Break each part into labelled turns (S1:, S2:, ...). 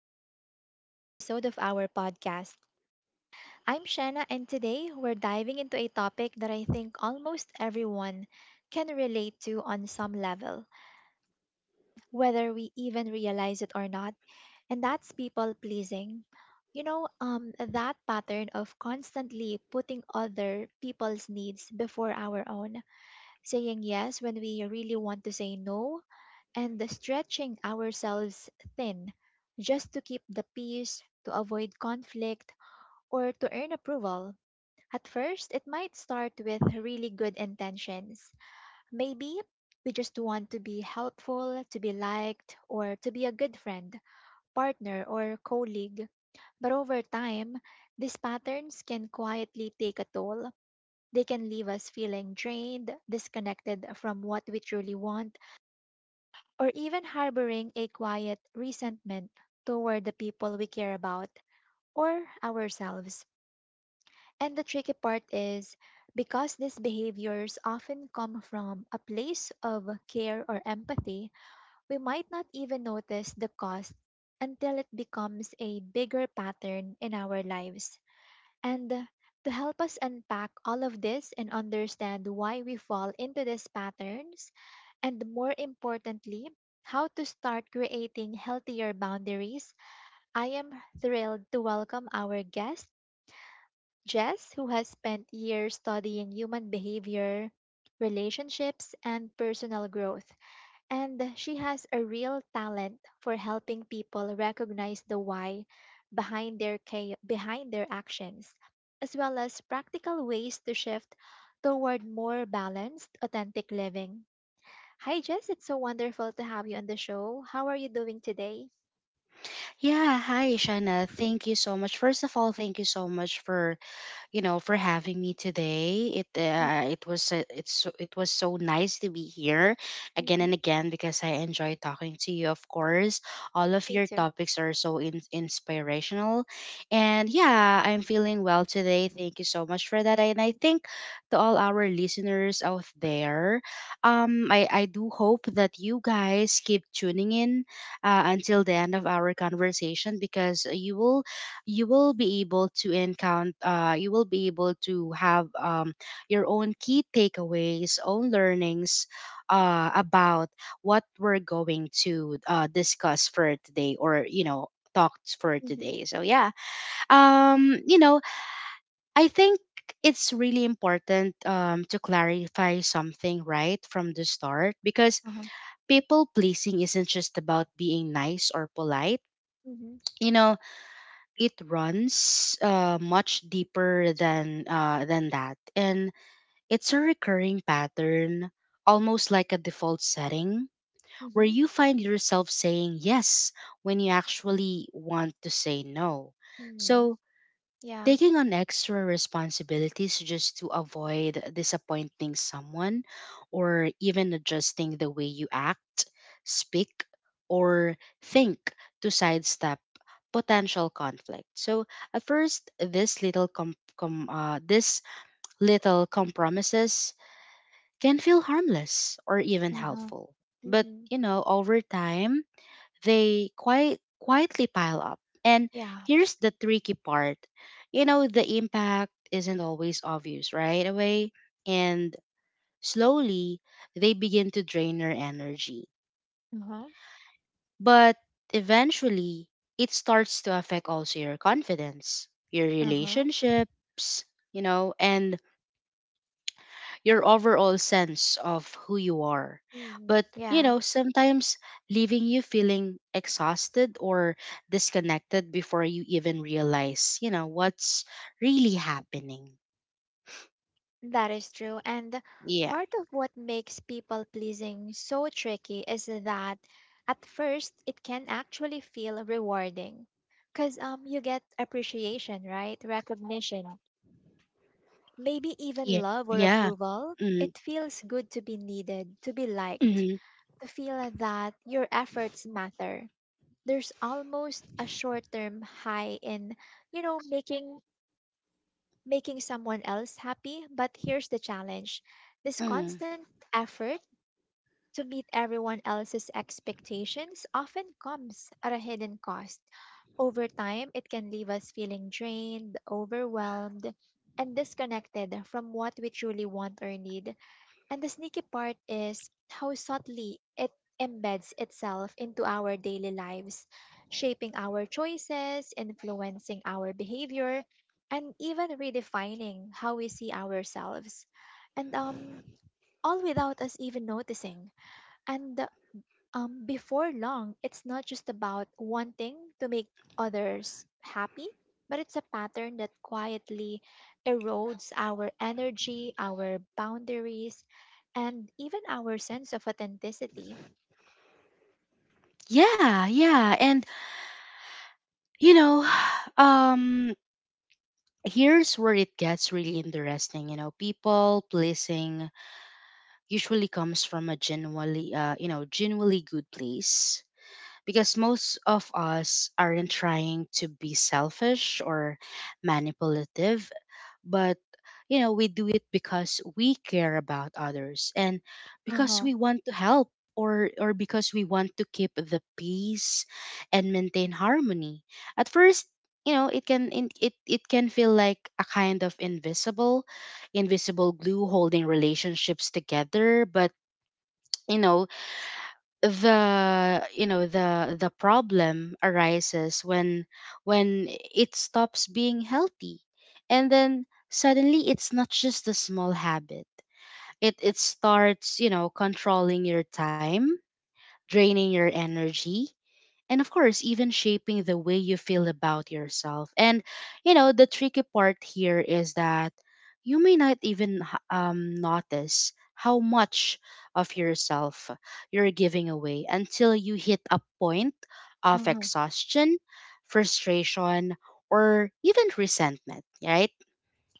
S1: Welcome to another episode of our podcast. I'm Shanna, and today we're diving into a topic that I think almost everyone can relate to on some level, whether we even realize it or not, and that's people pleasing. That pattern of constantly putting other people's needs before our own, saying yes when we really want to say no, and the stretching ourselves thin just to keep the peace, to avoid conflict, or to earn approval. At first, it might start with really good intentions. Maybe we just want to be helpful, to be liked, or to be a good friend, partner, or colleague. But over time, these patterns can quietly take a toll. They can leave us feeling drained, disconnected from what we truly want, or even harboring a quiet resentment toward the people we care about or ourselves. And the tricky part is, because these behaviors often come from a place of care or empathy, we might not even notice the cost until it becomes a bigger pattern in our lives. And To help us unpack all of this and understand why we fall into these patterns, and more importantly, how to start creating healthier boundaries, I am thrilled to welcome our guest, Jess, who has spent years studying human behavior, relationships, and personal growth. And she has a real talent for helping people recognize the why behind their actions, as well as practical ways to shift toward more balanced, authentic living. Hi Jess, it's so wonderful to have you on the show. How are you doing today?
S2: Yeah, hi, Shana. Thank you so much. First of all, thank you so much for, for having me today. It it was it's so- it was so nice to be here again
S1: Mm-hmm.
S2: and again because I enjoy talking to you. Of course, all of
S1: Me
S2: your
S1: too.
S2: topics are so inspirational, and yeah, I'm feeling well today. Thank you so much for that, and I think to all our listeners out there, I do hope that you guys keep tuning in until the end of our conversation because you will be able to encounter you will be able to have your own key takeaways own learnings about what we're going to discuss for today or talked for
S1: Mm-hmm.
S2: today so yeah. Um you know i think it's really important to clarify something right from the start because
S1: Uh-huh.
S2: people pleasing isn't just about being nice or polite.
S1: Mm-hmm.
S2: you know it runs much deeper than that, and it's a recurring pattern, almost like a default setting where
S1: Mm-hmm.
S2: you find yourself saying yes when you actually want to say no.
S1: Mm-hmm.
S2: So
S1: Yeah.
S2: taking on extra responsibilities just to avoid disappointing someone, or even adjusting the way you act, speak, or think to sidestep potential conflict. So at first, this little compromises can feel harmless or even
S1: Uh-huh.
S2: helpful. But
S1: Mm-hmm.
S2: you know, over time, they quite quietly pile up. And
S1: Yeah.
S2: here's the tricky part. You know, the impact isn't always obvious right away, and slowly they begin to drain your energy.
S1: Uh-huh.
S2: But eventually, it starts to affect also your confidence, your
S1: Uh-huh.
S2: relationships, you know, and your overall sense of who you are.
S1: Mm-hmm.
S2: But, you
S1: Yeah.
S2: know, sometimes leaving you feeling exhausted or disconnected before you even realize, you know, what's really happening.
S1: That is true. And
S2: Yeah.
S1: part of what makes people pleasing so tricky is that at first it can actually feel rewarding because you get appreciation, right? Recognition, maybe
S2: Yeah.
S1: even love or
S2: Yeah.
S1: approval.
S2: Mm,
S1: It feels good to be needed, to be liked,
S2: mhm,
S1: to feel that your efforts matter. There's almost a short term high in, you know, making making someone else happy, but here's the challenge, this
S2: mm.
S1: constant effort to meet everyone else's expectations often comes at a hidden cost. Over time, it can leave us feeling drained, overwhelmed, and disconnected from what we truly want or need. And the sneaky part is how subtly it embeds itself into our daily lives, shaping our choices, influencing our behavior, and even redefining how we see ourselves. And All without us even noticing. And before long, it's not just about wanting to make others happy, but it's a pattern that quietly erodes our energy, our boundaries, and even our sense of authenticity.
S2: Yeah, yeah. And you know, um here's where it gets really interesting, you know. People pleasing usually comes from a genuinely good place because most of us aren't trying to be selfish or manipulative, but you know, we do it because we care about others and
S1: Uh
S2: because
S1: huh.
S2: we want to help, or because we want to keep the peace and maintain harmony. At first, you know, it can feel like a kind of invisible glue holding relationships together, but you know, the problem arises when it stops being healthy, and then suddenly it's not just a small habit. It starts, you know, controlling your time, draining your energy, and of course even shaping the way you feel about yourself. And you know, the tricky part here is that you may not even notice how much of yourself you're giving away until you hit a point
S1: Uh
S2: of
S1: huh.
S2: exhaustion, frustration, or even resentment, right?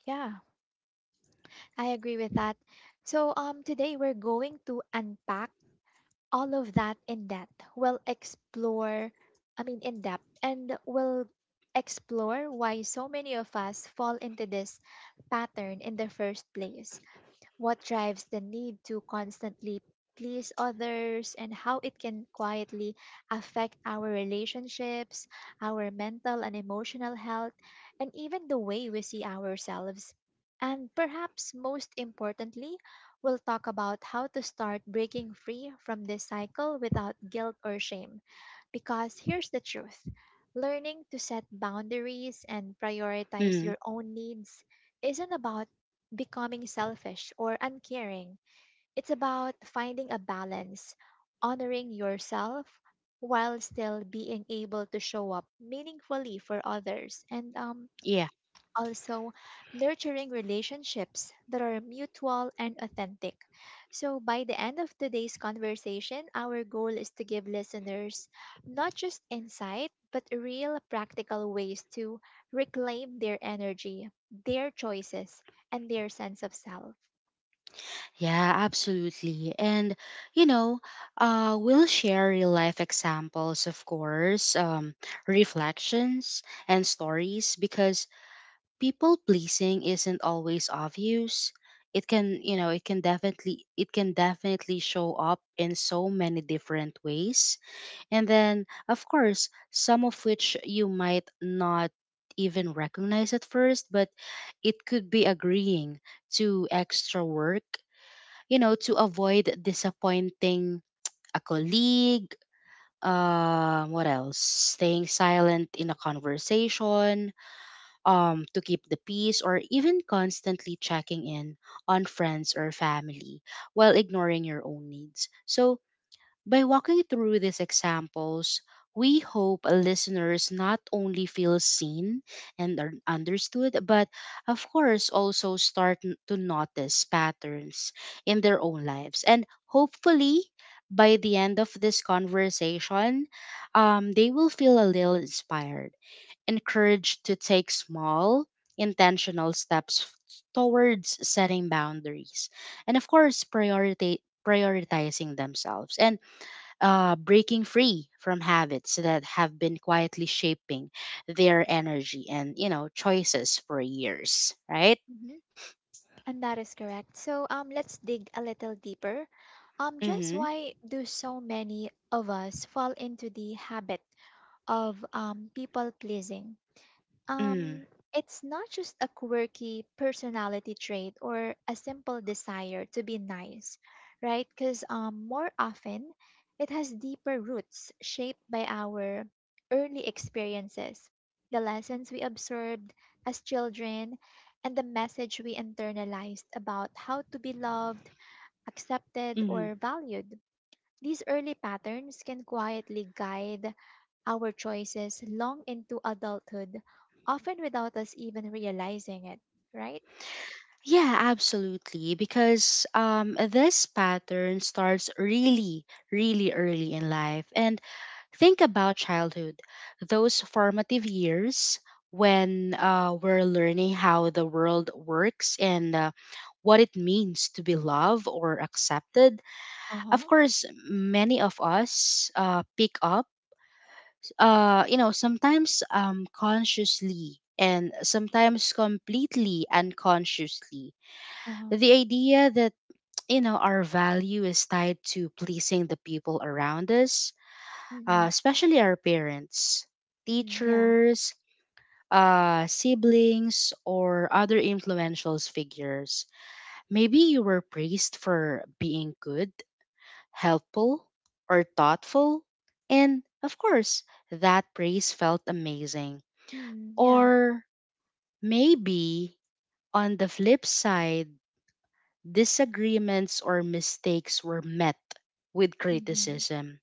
S1: Yeah, I agree with that. So, today we're going to unpack all of that in depth. We'll explore, I mean, in depth, and we'll explore why so many of us fall into this pattern in the first place, what drives the need to constantly please others, and how it can quietly affect our relationships, our mental and emotional health, and even the way we see ourselves. And perhaps most importantly, we'll talk about how to start breaking free from this cycle without guilt or shame. Because here's the truth, learning to set boundaries and prioritize
S2: Mm.
S1: your own needs isn't about becoming selfish or uncaring. It's about finding a balance, honoring yourself while still being able to show up meaningfully for others. And also nurturing relationships that are mutual and authentic. So, by the end of today's conversation, our goal is to give listeners not just insight, but real practical ways to reclaim their energy, their choices, and their sense of self.
S2: Yeah, absolutely. And, you know, we'll share real life examples, of course, reflections, and stories because people pleasing isn't always obvious. It can, you know, it can definitely show up in so many different ways. And then, of course, some of which you might not even recognize at first, but it could be agreeing to extra work, you know, to avoid disappointing a colleague. What else? Staying silent in a conversation, to keep the peace, or even constantly checking in on friends or family while ignoring your own needs. So, by walking through these examples, we hope listeners not only feel seen and are understood, but of course also to notice patterns in their own lives. And hopefully, by the end of this conversation, they will feel a little inspired, encouraged to take small, intentional steps towards setting boundaries, and of course, prioritizing themselves. And breaking free from habits that have been quietly shaping their energy and you know choices for years, right?
S1: Mhm. And that is correct. So, let's dig a little deeper. Just
S2: Mm-hmm.
S1: why do so many of us fall into the habit of people pleasing?
S2: Mm.
S1: Um, it's not just a quirky personality trait or a simple desire to be nice, right? Because more often, it has deeper roots shaped by our early experiences, the lessons we absorbed as children, and the message we internalized about how to be loved, accepted,
S2: Mm.
S1: or valued. These early patterns can quietly guide our choices long into adulthood, often without us even realizing it, right?
S2: Yeah, absolutely. Because this pattern starts really, really early in life. And think about childhood, those formative years when we're learning how the world works and what it means to be loved or accepted.
S1: Uh
S2: Of
S1: huh.
S2: course, many of us pick up, you know, sometimes consciously and sometimes completely unconsciously.
S1: Uh huh.
S2: The idea that, you know, our value is tied to pleasing the people around us,
S1: Mm-hmm.
S2: especially our parents,
S1: Mm, yeah.
S2: teachers, siblings, or other influential figures. Maybe you were praised for being good, helpful, or thoughtful. And of course, that praise felt amazing.
S1: Mm, yeah.
S2: Or maybe on the flip side, disagreements or mistakes were met with
S1: Mm-hmm.
S2: criticism,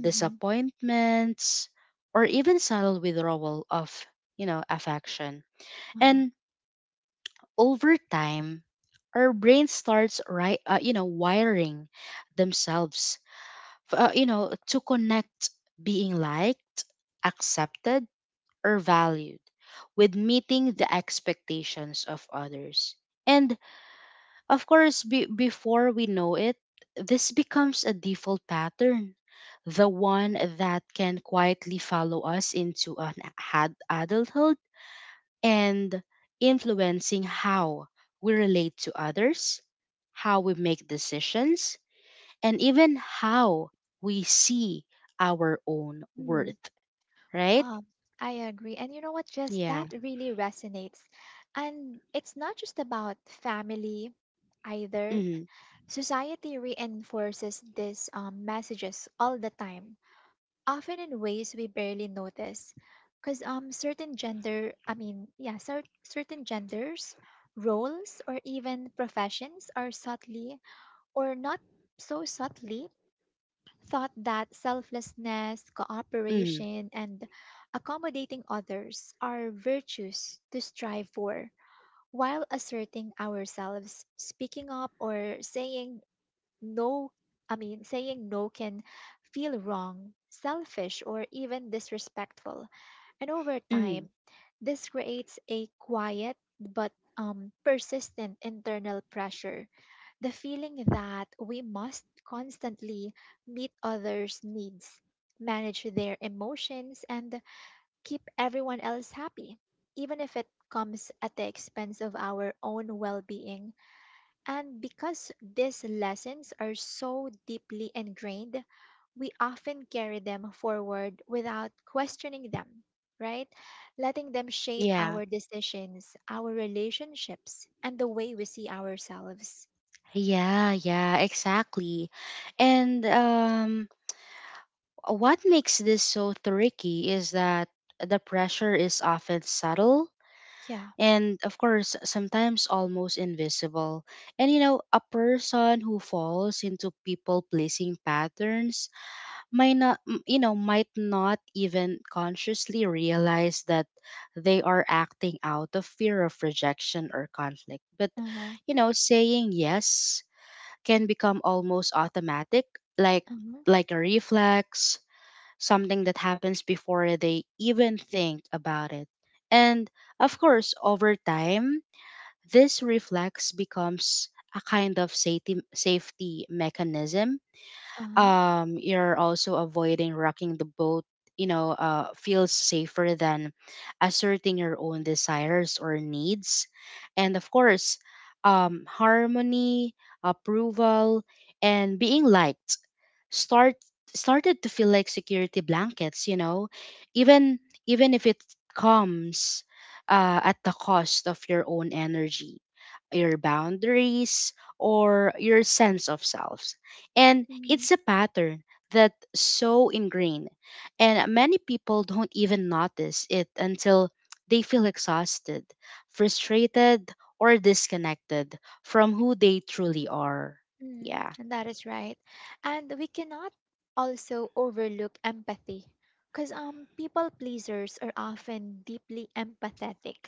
S1: Mm-hmm.
S2: disappointments, or even subtle withdrawal of, you know, affection.
S1: Uh huh.
S2: And over time, our brain starts, wiring themselves to connect being liked, accepted, or valued with meeting the expectations of others. And of course, before we know it, this becomes a default pattern, the one that can quietly follow us into an had adulthood and influencing how we relate to others, how we make decisions, and even how we see our own
S1: Mm,
S2: worth, right?
S1: um, I agree. And you know what? Just
S2: Yeah.
S1: that really resonates. And it's not just about family either.
S2: Mm-hmm.
S1: Society reinforces these messages all the time, often in ways we barely notice, because certain gender I mean yeah cer- certain genders, roles, or even professions are subtly or not so subtly thought that selflessness,
S2: Mm-hmm.
S1: cooperation, and accommodating others are virtues to strive for, while asserting ourselves, speaking up, or saying no i mean saying no can feel wrong, selfish, or even disrespectful. And over
S2: Mm-hmm.
S1: time, this creates a quiet but persistent internal pressure, the feeling that we must constantly meet others needs, manage their emotions, and keep everyone else happy, even if it comes at the expense of our own well-being. And because these lessons are so deeply ingrained, we often carry them forward without questioning them, right? Letting them shape
S2: Yeah.
S1: our decisions, our relationships, and the way we see ourselves.
S2: Yeah, yeah, exactly. And what makes this so tricky is that the pressure is often subtle
S1: Yeah.
S2: and, of course, sometimes almost invisible. And, you know, a person who falls into people pleasing patterns might not m- you know might not even consciously realize that they are acting out of fear of rejection or conflict. But
S1: Uh huh.
S2: you know, saying yes can become almost automatic, like
S1: Uh huh.
S2: like a reflex, something that happens before they even think about it. And of course, over time, this reflex becomes a kind of safety mechanism.
S1: Uh
S2: Um, you're also avoiding rocking the boat, you know, feels safer than asserting your own desires or needs. And of course, harmony, approval, and being liked start started to feel like security blankets, you know, even even if it comes at the cost of your own energy, your boundaries, or your sense of self. And
S1: huh.
S2: it's a pattern that's so ingrained, and many people don't even notice it until they feel exhausted, frustrated, or disconnected from who they truly are.
S1: Mm,
S2: Yeah.
S1: that is right. And we cannot also overlook empathy, because people pleasers are often deeply empathetic.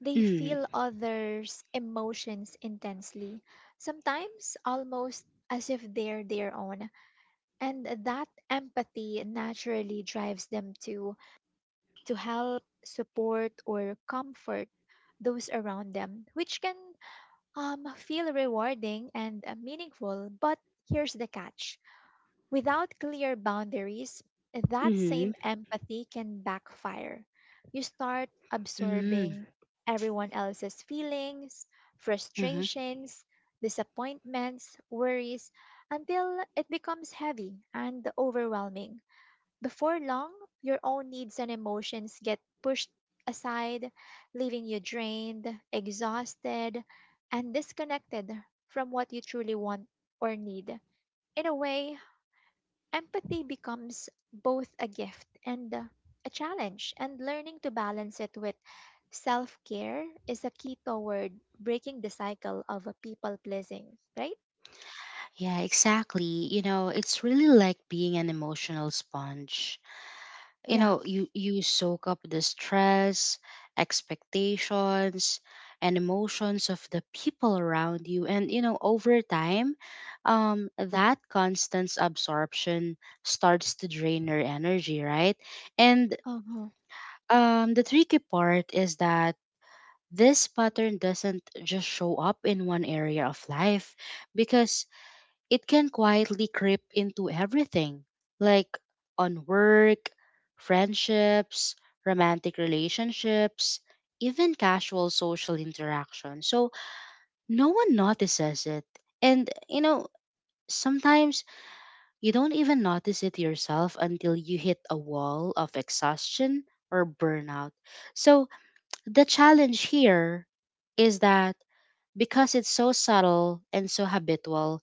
S1: They
S2: Mm-hmm.
S1: feel others' emotions intensely, sometimes almost as if they're their own. And that empathy naturally drives them to help, support, or comfort those around them, which can feel rewarding and meaningful, but here's the catch, without clear boundaries, that
S2: Mm-hmm.
S1: same empathy can backfire. You start
S2: Mm,
S1: absorbing everyone else's feelings,
S2: mhm.
S1: frustrations, disappointments, worries, until it becomes heavy and overwhelming. Before long, your own needs and emotions get pushed aside, leaving you drained, exhausted, and disconnected from what you truly want or need. In a way, empathy becomes both a gift and a challenge, and learning to balance it with self care is a key toward breaking the cycle of a people pleasing, right?
S2: Yeah, exactly. You know, it's really like being an emotional sponge. You
S1: Yeah.
S2: know, you soak up the stress, expectations, and emotions of the people around you, and you know, over time, that constant absorption starts to drain your energy, right? And
S1: Uh-huh.
S2: the tricky part is that this pattern doesn't just show up in one area of life because it can quietly creep into everything, like on work, friendships, romantic relationships, even casual social interaction. So no one notices it. And, you know, sometimes you don't even notice it yourself until you hit a wall of exhaustion or burnout. So the challenge here is that because it's so subtle and so habitual,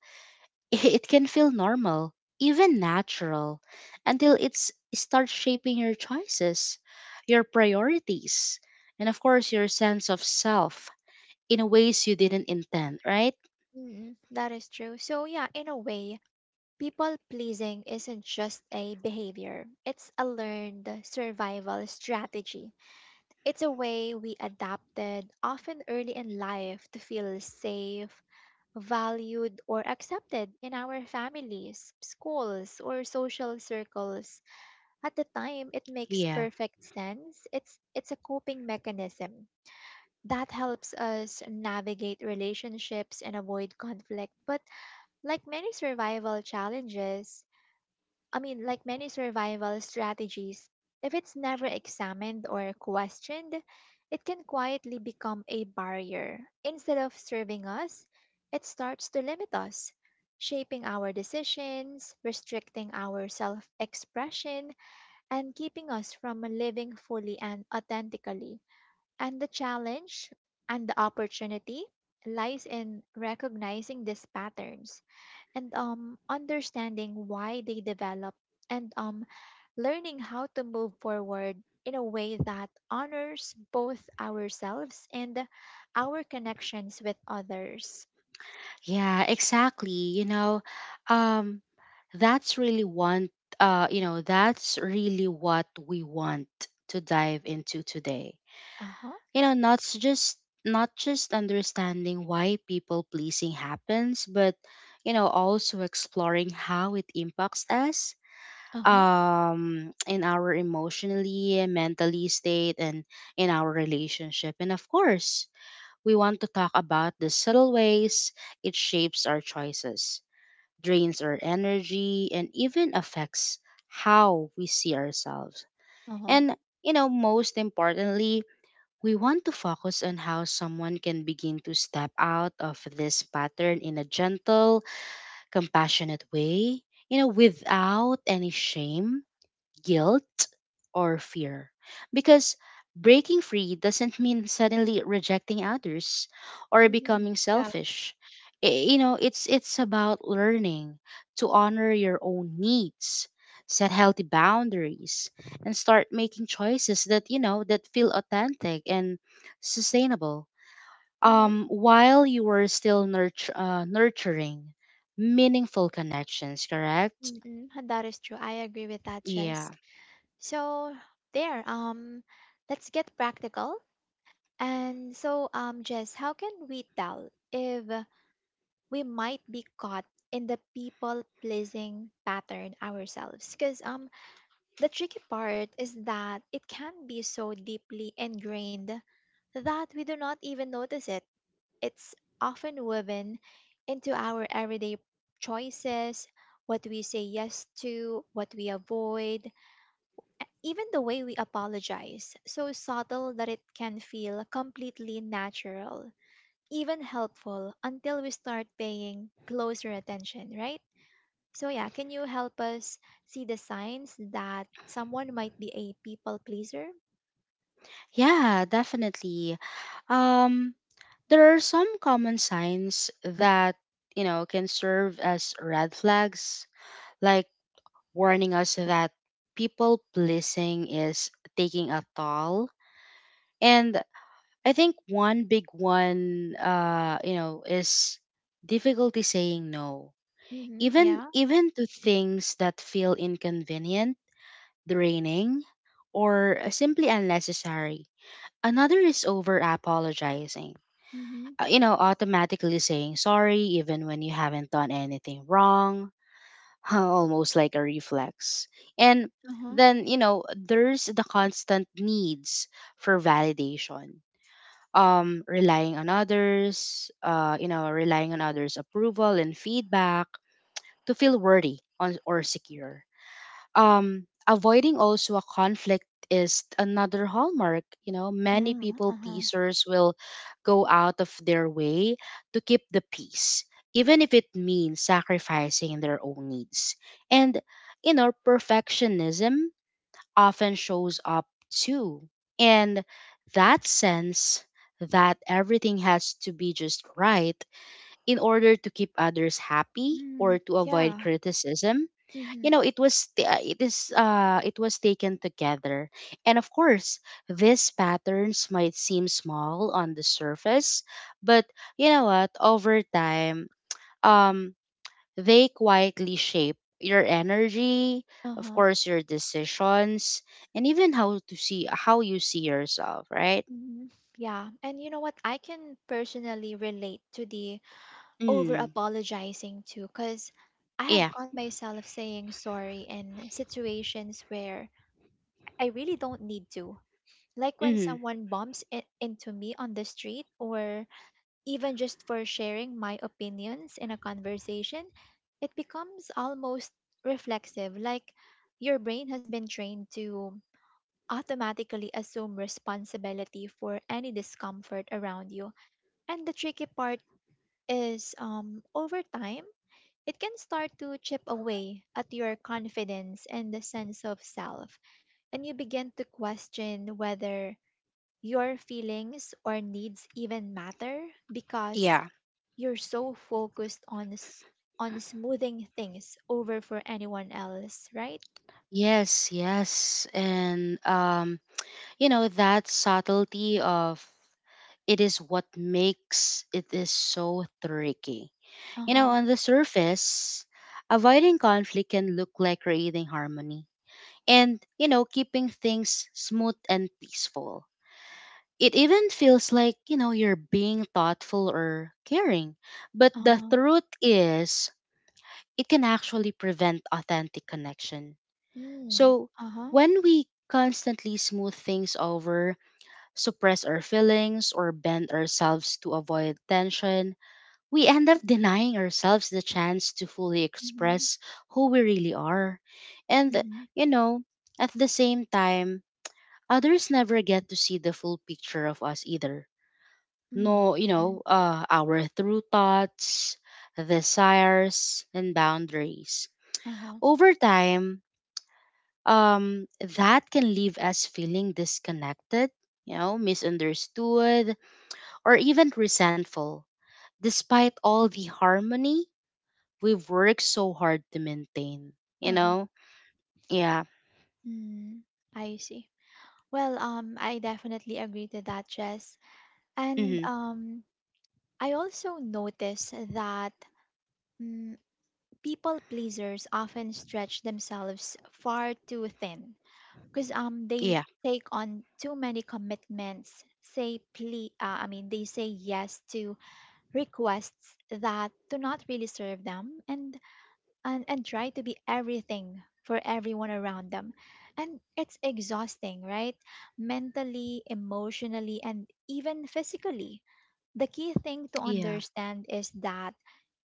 S2: it can feel normal, even natural, until it starts shaping your choices, your priorities, and of course, your sense of self in ways you didn't intend, right?
S1: Mm, that is true. So yeah, in a way, people pleasing isn't just a behavior, it's a learned survival strategy. It's a way we adapted, often early in life, to feel safe, valued, or accepted in our families, schools, or social circles. At the time, it makes
S2: Yeah.
S1: perfect sense. It's a coping mechanism that helps us navigate relationships and avoid conflict. But like many survival challenges, like many survival strategies, if it's never examined or questioned, it can quietly become a barrier. Instead of serving us, it starts to limit us, shaping our decisions, restricting our self expression, and keeping us from living fully and authentically. And the challenge and the opportunity lies in recognizing these patterns, and understanding why they develop, and learning how to move forward in a way that honors both ourselves and our connections with others.
S2: Yeah, exactly. You know, um, that's really want that's really what we want to dive into today.
S1: Uh-huh.
S2: You know, not just understanding why people pleasing happens, but you know, also exploring how it impacts us,
S1: Uh-huh.
S2: um, in our emotionally mentally state and in our relationship. And of course, we want to talk about the subtle ways it shapes our choices, drains our energy, and even affects how we see ourselves.
S1: Uh-huh.
S2: And you know, most importantly, we want to focus on how someone can begin to step out of this pattern in a gentle, compassionate way, you know, without any shame, guilt, or fear. Because breaking free doesn't mean suddenly rejecting others or
S1: Hmm.
S2: becoming
S1: Yeah.
S2: selfish. You know, it's about learning to honor your own needs, set healthy boundaries, and start making choices that, you know, that feel authentic and sustainable.
S1: Mm-hmm.
S2: Um, while you are still nurturing meaningful connections, correct?
S1: Mm-hmm. And that is true. I agree with that,
S2: Yeah.
S1: Jess. So there, let's get practical. And so, Jess, how can we tell if we might be caught in the people pleasing pattern ourselves, because the tricky part is that it can be so deeply ingrained that we do not even notice it. It's often woven into our everyday choices, what we say yes to, what we avoid, even the way we apologize, so subtle that it can feel completely natural, even helpful, until we start paying closer attention, right? So, yeah, can you help us see the signs that someone might be a people pleaser?
S2: Yeah, definitely. Um, there are some common signs that, you know, can serve as red flags, like warning us that people pleasing is taking a toll. And I think one big one, you know, is difficulty saying no.
S1: Mm-hmm,
S2: Even
S1: yeah.
S2: even to things that feel inconvenient, draining, or simply unnecessary. Another is over apologizing,
S1: Mm-hmm.
S2: you know, automatically saying sorry even when you haven't done anything wrong, almost like a reflex. And
S1: Uh-huh.
S2: then, you know, there's the constant needs for validation. Relying on others, relying on others' approval and feedback to feel worthy on, or secure, avoiding also a conflict is another hallmark. Many
S1: Mm.
S2: people pleasers will go out of their way to keep the peace, even if it means sacrificing their own needs. And perfectionism often shows up too, and that sense that everything has to be just right in order to keep others happy or
S1: Hmm.
S2: to avoid
S1: Yeah.
S2: criticism.
S1: mm hmm
S2: It was it is it was taken together. And of course, these patterns might seem small on the surface, but you know what over time, um they quietly shape your energy,
S1: uh huh. Uh huh. Mm. Yeah. Mm-hmm,
S2: of
S1: uh-huh.
S2: course your decisions, and even how you see yourself, right?
S1: Mm-hmm. Yeah. And you know what? I can personally relate to the over
S2: Mm,
S1: apologizing too, because I have
S2: yeah.
S1: got myself saying sorry in situations where I really don't need to. Like when
S2: Mm,
S1: someone into me on the street, or even just for sharing my opinions in a conversation, it becomes almost reflexive, like your brain has been trained to automatically assume responsibility for any discomfort around you. And the tricky part is, over time, it can start to chip away at your confidence and the sense of self, and you begin to question whether your feelings or needs even matter, because
S2: yeah.
S1: you're so focused on on smoothing things over for anyone else, right?
S2: Yes, and you know, that subtlety of it is what makes it is so tricky.
S1: Uh
S2: You know,
S1: huh.
S2: on the surface, avoiding conflict can look like creating harmony and, you know, keeping things smooth and peaceful. It even feels like, you know, you're being thoughtful or caring. But
S1: Uh
S2: the
S1: huh.
S2: truth is, it can actually prevent authentic connection.
S1: Mm.
S2: So,
S1: Uh huh.
S2: when we constantly smooth things over, suppress our feelings, or bend ourselves to avoid tension, we end up denying ourselves the chance to fully
S1: Mm-hmm.
S2: express who we really are. And,
S1: Mm-hmm.
S2: you know, at the same time, others never get to see the full picture of us either.
S1: Mm.
S2: No, you
S1: Mm-hmm.
S2: know, our true thoughts, desires, and boundaries.
S1: Uh huh.
S2: Over time, um, that can leave us feeling disconnected, you know, misunderstood, or even resentful, despite all the harmony we've worked so hard to maintain. You
S1: Uh huh.
S2: know? Yeah.
S1: Mm. I see. Well, I definitely agree to that, Jess. And
S2: Hmm.
S1: I also notice that mm, people pleasers often stretch themselves far too thin because they
S2: Yeah.
S1: take on too many commitments say ple- I mean they say yes to requests that do not really serve them and try to be everything for everyone around them, and it's exhausting, right? Mentally, emotionally, and even physically. The key thing to
S2: Yeah.
S1: understand is that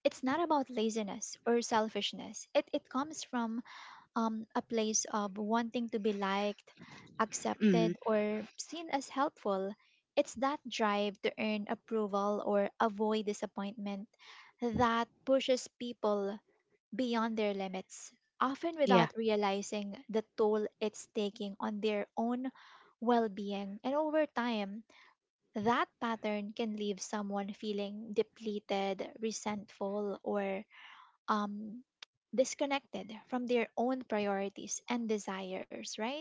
S1: it's not about laziness or selfishness. It comes from a place of wanting to be liked,
S2: Hmm.
S1: accepted, or seen as helpful. It's that drive to earn approval or avoid disappointment that pushes people beyond their limits, often
S2: Yeah.
S1: without realizing the toll it's taking on their own well being. And over time, that pattern can leave someone feeling depleted, resentful, or um, disconnected from their own priorities and desires, right?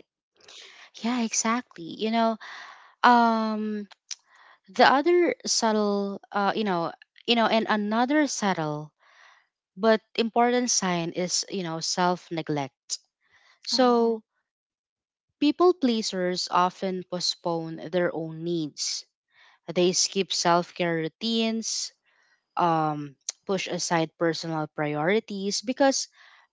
S2: Yeah, exactly. You know, um the other subtle you know, and another subtle but important sign is, you know, self-neglect.
S1: Uh-huh.
S2: So, people pleasers often postpone their own needs. They skip self-care routines, um, push aside personal priorities because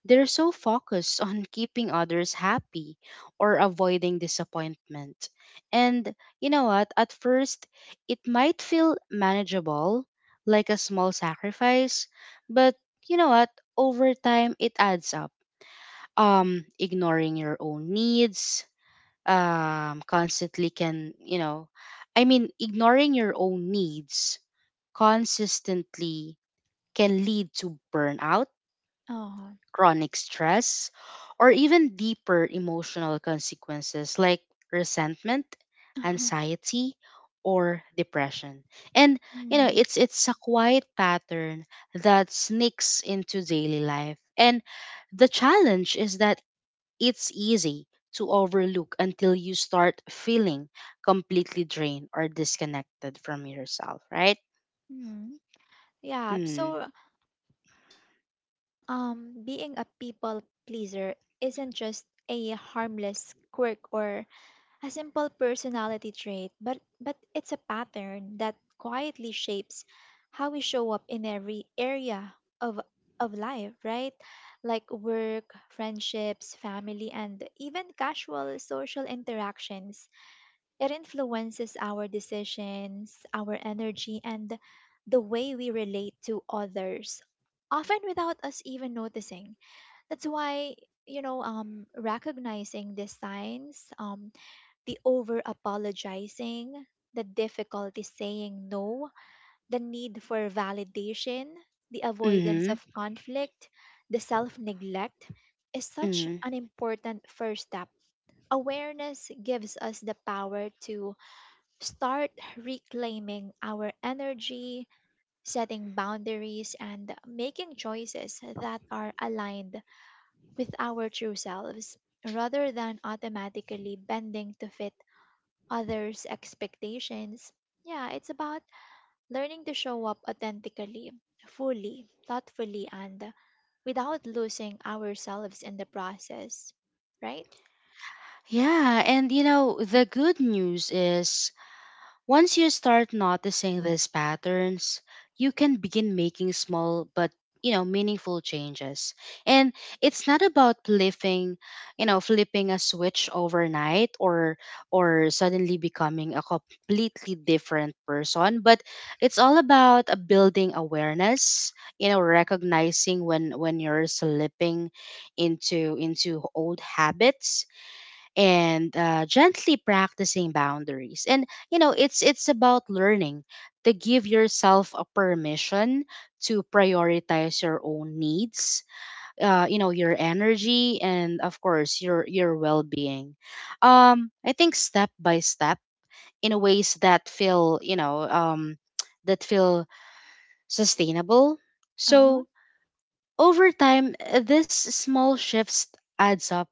S2: they're so focused on keeping others happy or avoiding disappointment. And you know what? At first, it might feel manageable, like a small sacrifice, but you know what? Over time, it adds up. Ignoring your own needs, constantly can, you know, I mean, Ignoring your own needs consistently can lead to burnout,
S1: Uh-huh.
S2: chronic stress, or even deeper emotional consequences like resentment,
S1: Uh-huh.
S2: anxiety, or depression. And you know,
S1: Mm,
S2: it's a quiet pattern that sneaks into daily life. And the challenge is that it's easy to overlook until you start feeling completely drained or disconnected from yourself, right?
S1: mm. Yeah.
S2: Mm.
S1: So really, being a people pleaser isn't just a harmless quirk or a simple personality trait, but it's a pattern that quietly shapes how we show up in every area of of life, right? Like work, friendships, family, and even casual social interactions. It influences our decisions, our energy, and the way we relate to others, often without us even noticing. That's why, you know, recognizing these signs, the over apologizing, the difficulty saying no, the need for validation, the avoidance
S2: Mhm.
S1: of conflict, the self neglect is such
S2: Mhm.
S1: an important first step. Awareness gives us the power to start reclaiming our energy, setting boundaries, and making choices that are aligned with our true selves rather than automatically bending to fit others' expectations. Yeah, it's about learning to show up authentically, fully, thoughtfully, and without losing ourselves in the process, right?
S2: Yeah, and you know, the good news is once you start noticing these patterns, you can begin making small but you know meaningful changes. And it's not about flipping you know flipping a switch overnight or suddenly becoming a completely different person, but it's all about building awareness, you know, recognizing when you're slipping into old habits, and gently practicing boundaries. And you know, it's about learning to give yourself a permission to prioritize your own needs, you know, your energy, and of course your well-being. I think step by step, in ways that feel that feel sustainable.
S1: Uh huh.
S2: So over time, this small shifts adds up,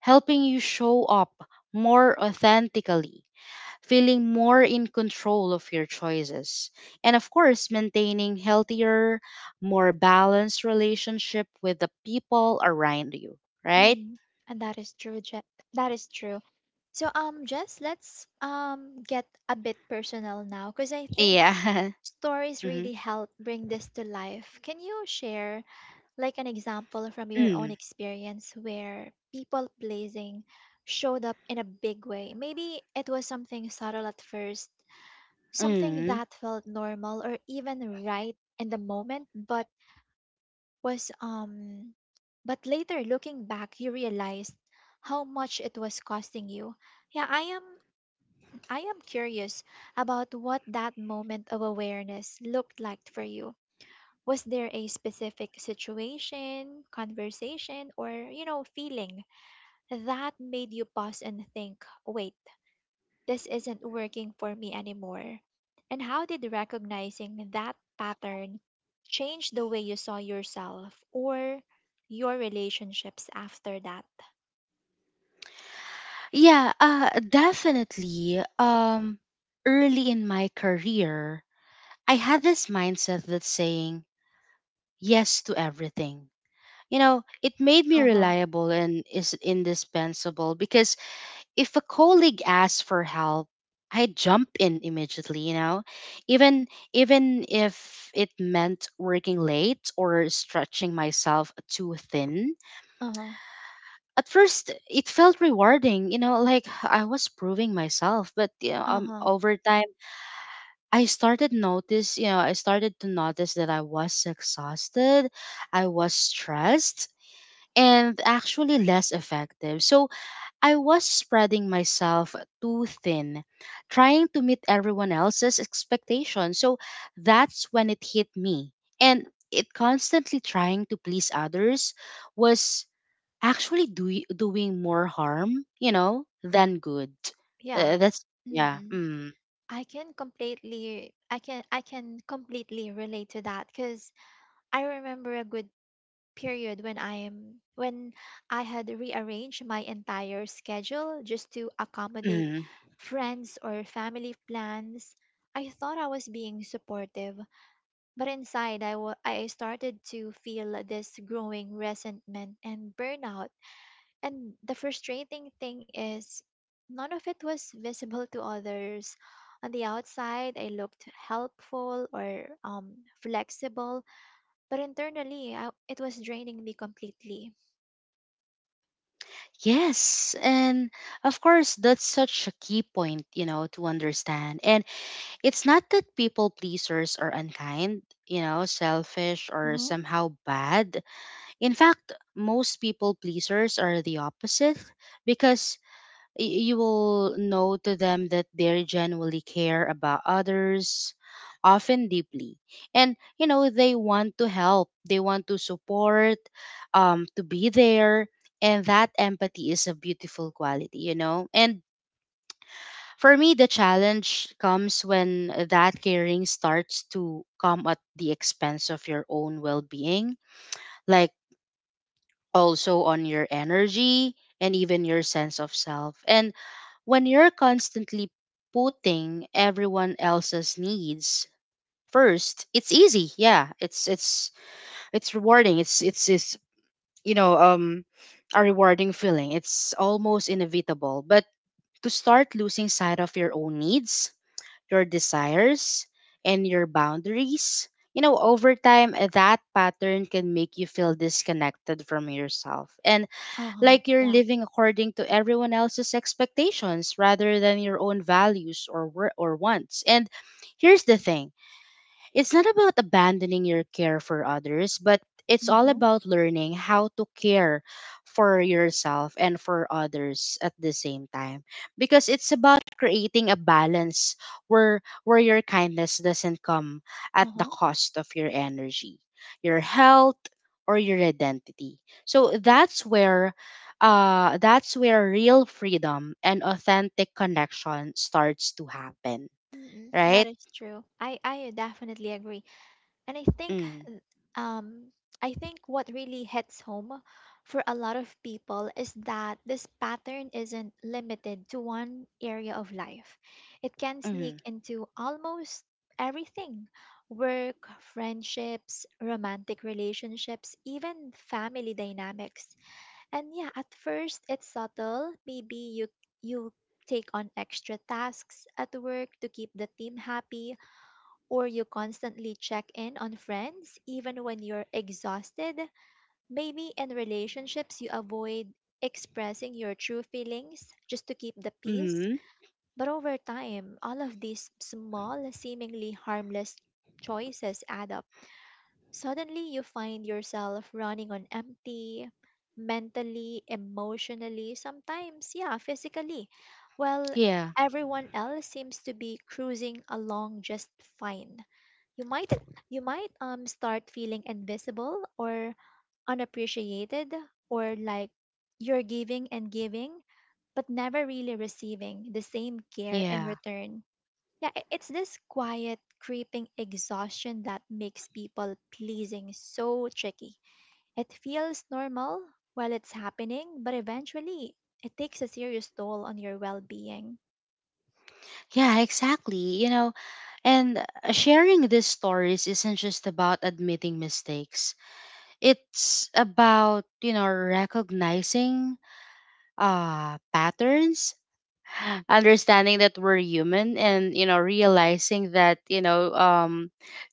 S2: helping you show up more authentically, feeling more in control of your choices, and of course, maintaining healthier, more balanced relationship with the people around you, right?
S1: Mm. And that is true, that is true. So, Jess, let's get a bit personal now, because I think
S2: Yeah.
S1: stories
S2: Hmm.
S1: really help bring this to life. Can you share like an example from your own
S2: Mm,
S1: experience where people pleasing showed up in a big way? Maybe it was something subtle at first, something
S2: mm.
S1: that felt normal or even right in the moment, but was but later, looking back, you realized how much it was costing you. Yeah, I am curious about what that moment of awareness looked like for you. Was there a specific situation, conversation, or, you know, feeling that made you pause and think, wait, this isn't working for me anymore? And how did recognizing that pattern change the way you saw yourself or your relationships after that?
S2: Yeah, definitely. Early in my career, I had this mindset that's saying yes to everything. You know, it made me
S1: Uh huh.
S2: reliable and is indispensable because if a colleague asks for help, I jump in immediately, you know, even if it meant working late or stretching myself too thin.
S1: Uh huh.
S2: At first, it felt rewarding, you know, like I was proving myself. But you know,
S1: Uh huh.
S2: over time, I started to notice that I was exhausted, I was stressed, and actually less effective. So I was spreading myself too thin, trying to meet everyone else's expectations. So that's when it hit me. And it constantly trying to please others was actually doing more harm, you know, than good.
S1: Yeah.
S2: That's, yeah.
S1: Mm-mm.
S2: Mm.
S1: I can completely relate to that, because I remember a good period when I had rearranged my entire schedule just to accommodate
S2: Mm.
S1: friends or family plans. I thought I was being supportive, but inside I started to feel this growing resentment and burnout. And the frustrating thing is none of it was visible to others. On the outside, I looked helpful or flexible, but internally, I, it was draining me completely.
S2: Yes, and of course, that's such a key point, you know, to understand. And it's not that people pleasers are unkind, you know, selfish or
S1: Uh-huh.
S2: somehow bad. In fact, most people pleasers are the opposite because you will know to them that they genuinely care about others, often deeply. And, you know, they want to help, they want to support, to be there. And that empathy is a beautiful quality, you know? And for me, the challenge comes when that caring starts to come at the expense of your own well being, like also on your energy and even your sense of self. And when you're constantly putting everyone else's needs first, it's easy. Yeah, it's rewarding. It's you know um a rewarding feeling. It's almost inevitable. But to start losing sight of your own needs, your desires, and your boundaries. You know, over time, that pattern can make you feel disconnected from yourself and
S1: Uh-huh.
S2: like you're
S1: Yeah.
S2: living according to everyone else's expectations rather than your own values or, wants. And here's the thing, it's not about abandoning your care for others, but it's all
S1: Uh-huh.
S2: about learning how to care for yourself and for others at the same time, because it's about creating a balance where your kindness doesn't come at the
S1: Uh-huh.
S2: cost of your energy, your health, or your identity. So that's where real freedom and authentic connection starts to happen,
S1: Mm-mm, that
S2: right?
S1: is true. I definitely agree. And I think,
S2: Mm.
S1: I think what really hits home for a lot of people is that this pattern isn't limited to one area of life. It can
S2: Mm,
S1: sneak into almost everything. Work, friendships, romantic relationships, even family dynamics. And yeah, at first it's subtle. Maybe you take on extra tasks at work to keep the team happy, or you constantly check in on friends even when you're exhausted. Maybe in relationships you avoid expressing your true feelings just to keep the peace.
S2: mm-hmm.
S1: But over time, all of these small, seemingly harmless choices add up. Suddenly, you find yourself running on empty, mentally, emotionally, sometimes, yeah, physically. Well,
S2: Yeah,
S1: everyone else seems to be cruising along just fine. You might you might start feeling invisible or unappreciated, or like you're giving and giving but never really receiving the same care in
S2: yeah,
S1: return. Yeah, it's this quiet, creeping exhaustion that makes people pleasing so tricky. It feels normal while it's happening, but eventually it takes a serious toll on your well being.
S2: yeah, exactly. You know, and sharing these stories isn't just about admitting mistakes. It's about you know recognizing patterns, understanding that we're human, and you know realizing that you know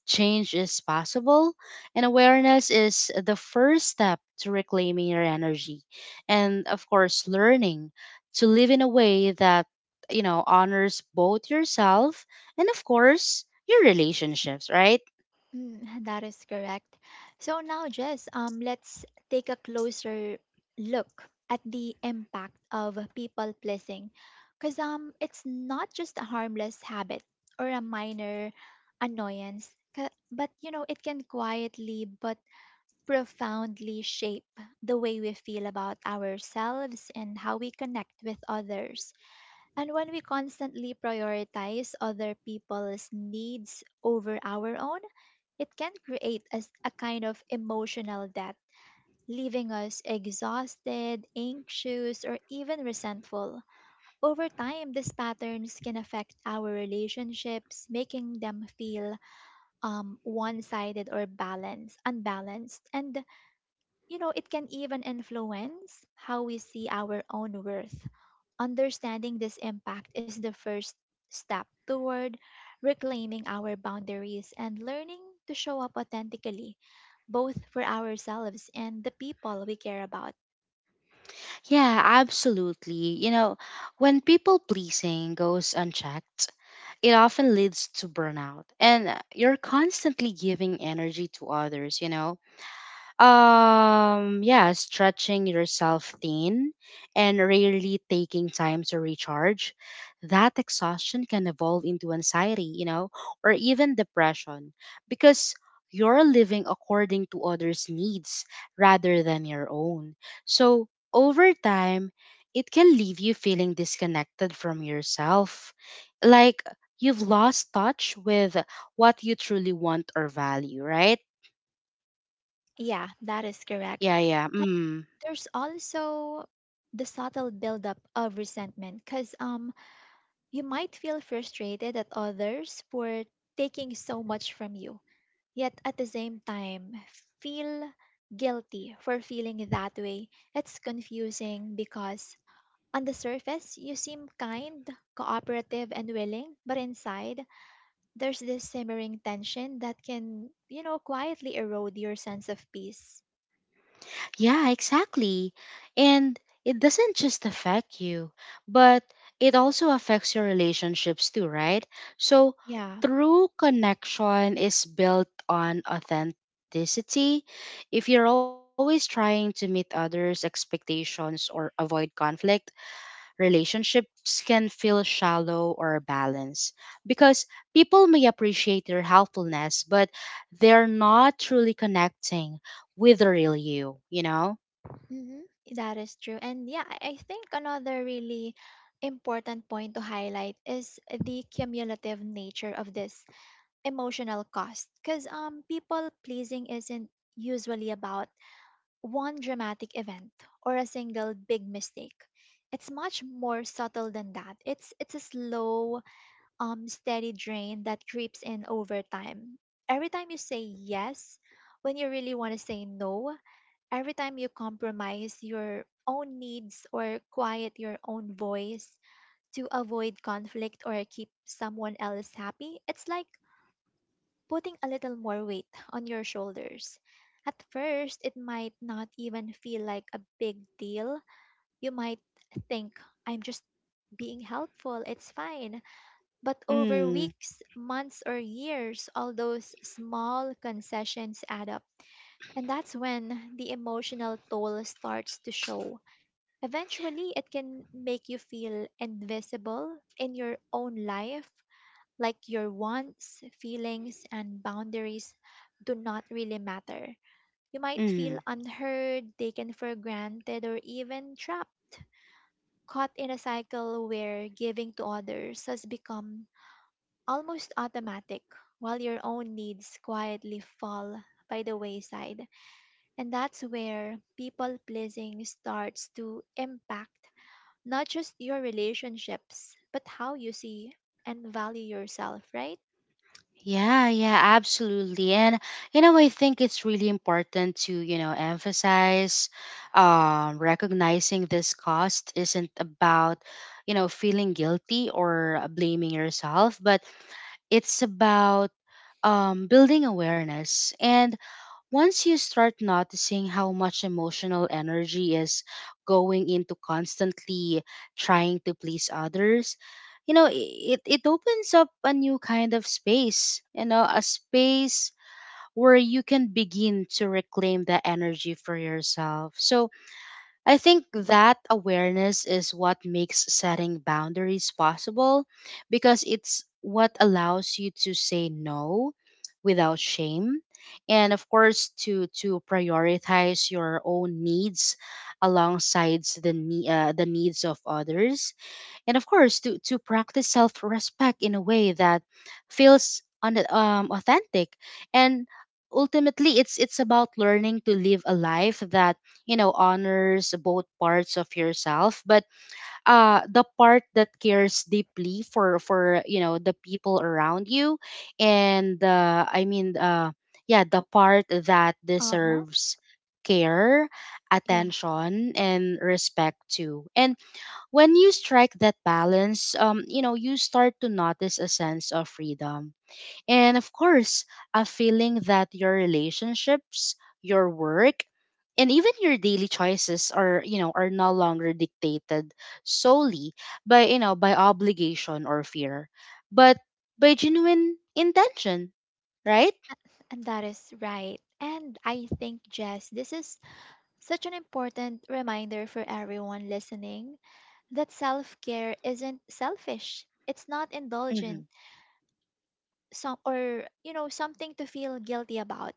S2: change is possible, and awareness is the first step to reclaiming your energy, and of course learning to live in a way that you know honors both yourself and of course your relationships, right?
S1: Mm, that is correct. So now, Jess, let's take a closer look at the impact of people pleasing. Because it's not just a harmless habit or a minor annoyance, but, you know, it can quietly but profoundly shape the way we feel about ourselves and how we connect with others. And when we constantly prioritize other people's needs over our own, it can create as a kind of emotional debt, leaving us exhausted, anxious, or even resentful. Over time, these patterns can affect our relationships, making them feel one-sided or balanced, unbalanced, and, you know, it can even influence how we see our own worth. Understanding this impact is the first step toward reclaiming our boundaries and learning to show up authentically, both for ourselves and the people we care about.
S2: Yeah, absolutely. You know, when people pleasing goes unchecked, it often leads to burnout. And you're constantly giving energy to others, you know, yeah, stretching yourself thin and rarely taking time to recharge. That exhaustion can evolve into anxiety, you know, or even depression because you're living according to others' needs rather than your own. So, over time, it can leave you feeling disconnected from yourself, like you've lost touch with what you truly want or value, right?
S1: Yeah, that is correct.
S2: Yeah, yeah.
S1: And
S2: Mm.
S1: there's also the subtle buildup of resentment, because you might feel frustrated at others for taking so much from you, yet at the same time feel guilty for feeling that way. It's confusing because on the surface you seem kind, cooperative, and willing, but inside there's this simmering tension that can, you know, quietly erode your sense of peace.
S2: Yeah, exactly. And it doesn't just affect you, but it also affects your relationships too, right? So,
S1: Yeah,
S2: true connection is built on authenticity. If you're always trying to meet others' expectations or avoid conflict, relationships can feel shallow or balanced because people may appreciate your helpfulness, but they're not truly connecting with the real you, you know?
S1: hmm, that is true. And yeah, I think another really important point to highlight is the cumulative nature of this emotional cost, because people pleasing isn't usually about one dramatic event or a single big mistake. It's much more subtle than that. It's a slow, steady drain that creeps in over time. Every time you say yes when you really want to say no, every time you compromise your own needs or quiet your own voice to avoid conflict or keep someone else happy, it's like putting a little more weight on your shoulders. At first, it might not even feel like a big deal. You might think, I'm just being helpful, it's fine. But over
S2: Mm,
S1: weeks, months, or years, all those small concessions add up. And that's when the emotional toll starts to show. Eventually, it can make you feel invisible in your own life, like your wants, feelings, and boundaries do not really matter. You might feel
S2: mm.
S1: unheard, taken for granted, or even trapped, caught in a cycle where giving to others has become almost automatic, while your own needs quietly fall by the wayside. And that's where people pleasing starts to impact not just your relationships, but how you see and value yourself, right?
S2: Yeah, yeah, absolutely. And you know, I think it's really important to, you know, emphasize, recognizing this cost isn't about, you know, feeling guilty or blaming yourself, but it's about building awareness. And once you start noticing how much emotional energy is going into constantly trying to please others, you know, it opens up a new kind of space, you know, a space where you can begin to reclaim the energy for yourself. So, I think that awareness is what makes setting boundaries possible because it's what allows you to say no without shame, and of course to prioritize your own needs alongside the the needs of others, and of course to practice self-respect in a way that feels authentic. And ultimately it's about learning to live a life that you know honors both parts of yourself, but the part that cares deeply for you know the people around you, and yeah, the part that
S1: Uh huh.
S2: deserves care,
S1: Yeah.
S2: attention, and respect too. And when you strike that balance, you know, you start to notice a sense of freedom. And of course, a feeling that your relationships, your work, and even your daily choices are, you know, are no longer dictated solely by, you know, by obligation or fear, but by genuine intention, right?
S1: And that is right. And I think, Jess, this is such an important reminder for everyone listening that self care isn't selfish. It's not
S2: Mm-hmm.
S1: indulgent some, or, you know, something to feel guilty about.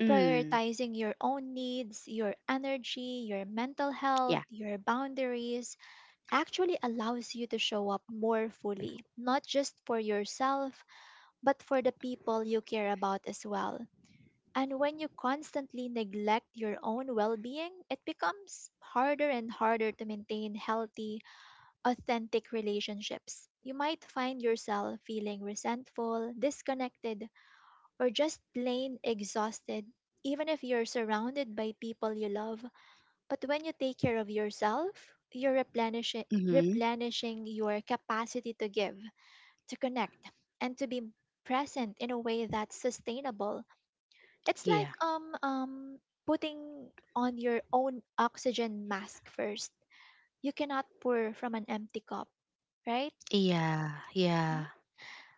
S2: Mm.
S1: Prioritizing your own needs, your energy, your mental health,
S2: Yeah.
S1: your boundaries actually allows you to show up more fully, not just for yourself, but for the people you care about as well. And when you constantly neglect your own well being, it becomes harder and harder to maintain healthy, authentic relationships. You might find yourself feeling resentful, disconnected, or just plain exhausted, even if you're surrounded by people you love. But when you take care of yourself, you're replenishing,
S2: Mm-hmm.
S1: replenishing your capacity to give, to connect, and to be present in a way that's sustainable. It's like
S2: Yeah.
S1: putting on your own oxygen mask first. You cannot pour from an empty cup, right?
S2: Yeah.
S1: Mhm.
S2: Yeah.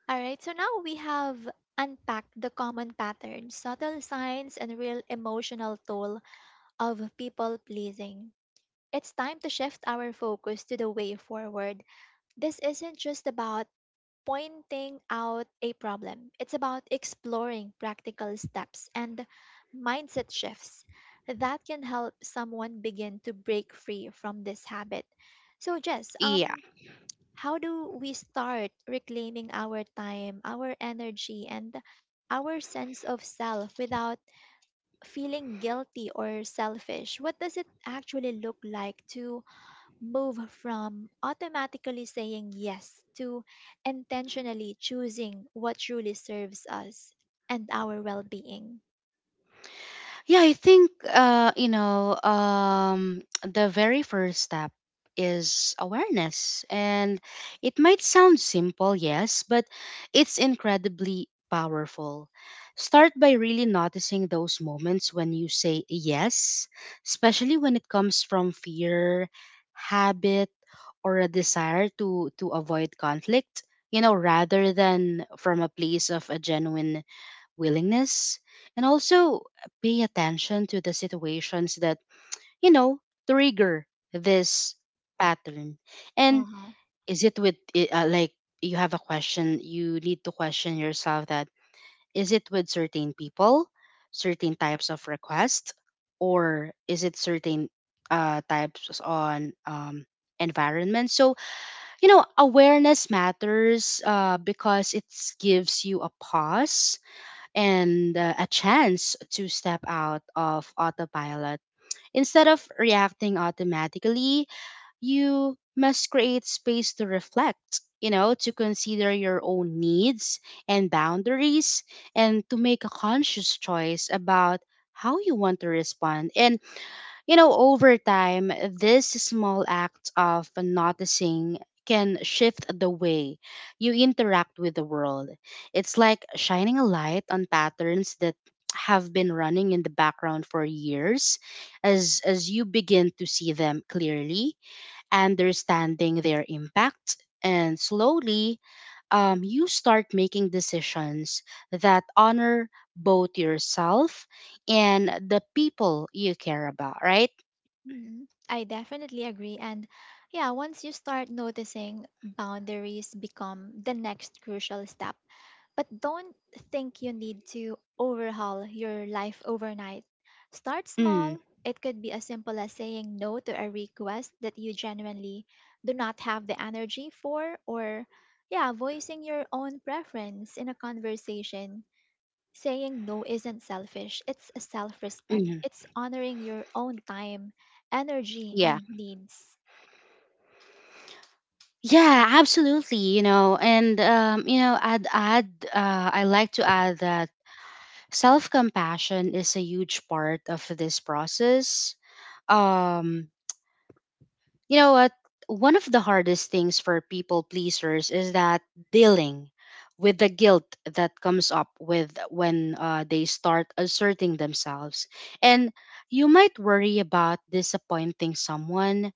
S1: All right, so now we have unpacked the common patterns, subtle signs, and real emotional toll of people pleasing. It's time to shift our focus to the way forward. This isn't just about pointing out a problem. It's about exploring practical steps and mindset shifts that can help someone begin to break free from this habit. So, Jess,
S2: Yeah.
S1: how do we start reclaiming our time, our energy, and our sense of self without feeling guilty or selfish? What does it actually look like to move from automatically saying yes to intentionally choosing what truly serves us and our well being?
S2: Yeah, I think the very first step is awareness, and it might sound simple, yes, but it's incredibly powerful. Start by really noticing those moments when you say yes, especially when it comes from fear, habit, or a desire to avoid conflict. You know, rather than from a place of a genuine willingness. And also pay attention to the situations that you know trigger this pattern.
S1: Uh
S2: And
S1: huh.
S2: is it with like, you have a question you need to question yourself, that is it with certain people, certain types of requests, or is it certain types on environment. So you know awareness matters, because it gives you a pause and a chance to step out of autopilot. Instead of reacting automatically, you must create space to reflect, you know, to consider your own needs and boundaries and to make a conscious choice about how you want to respond. And you know, over time, this small act of noticing can shift the way you interact with the world. It's like shining a light on patterns that have been running in the background for years as you begin to see them clearly, understanding their impact, and slowly you start making decisions that honor both yourself and the people you care about, right?
S1: Hmm. I definitely agree. And yeah, once you start noticing, boundaries become the next crucial step. But don't think you need to overhaul your life overnight. Start
S2: Mm,
S1: small. It could be as simple as saying no to a request that you genuinely do not have the energy for, or, yeah, voicing your own preference in a conversation. Saying no isn't selfish, it's a self respect.
S2: mhm.
S1: It's honoring your own time, energy,
S2: Yeah.
S1: and needs.
S2: Yeah, absolutely, you know. And you know, I'd add I like to add that self-compassion is a huge part of this process. Um You know what? One of the hardest things for people pleasers is that dealing with the guilt that comes up with when they start asserting themselves. And you might worry about disappointing someone,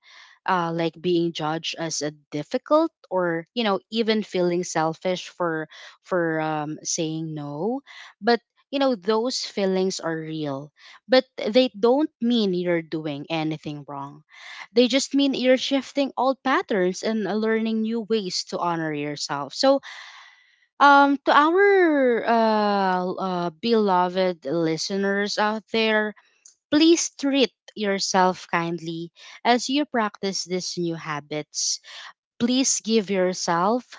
S2: like being judged as a difficult or, you know, even feeling selfish for saying no. But, you know, those feelings are real, but they don't mean you're doing anything wrong, they just mean you're shifting old patterns and learning new ways to honor yourself. So, to our beloved listeners out there, please treat yourself kindly as you practice these new habits. Please give yourself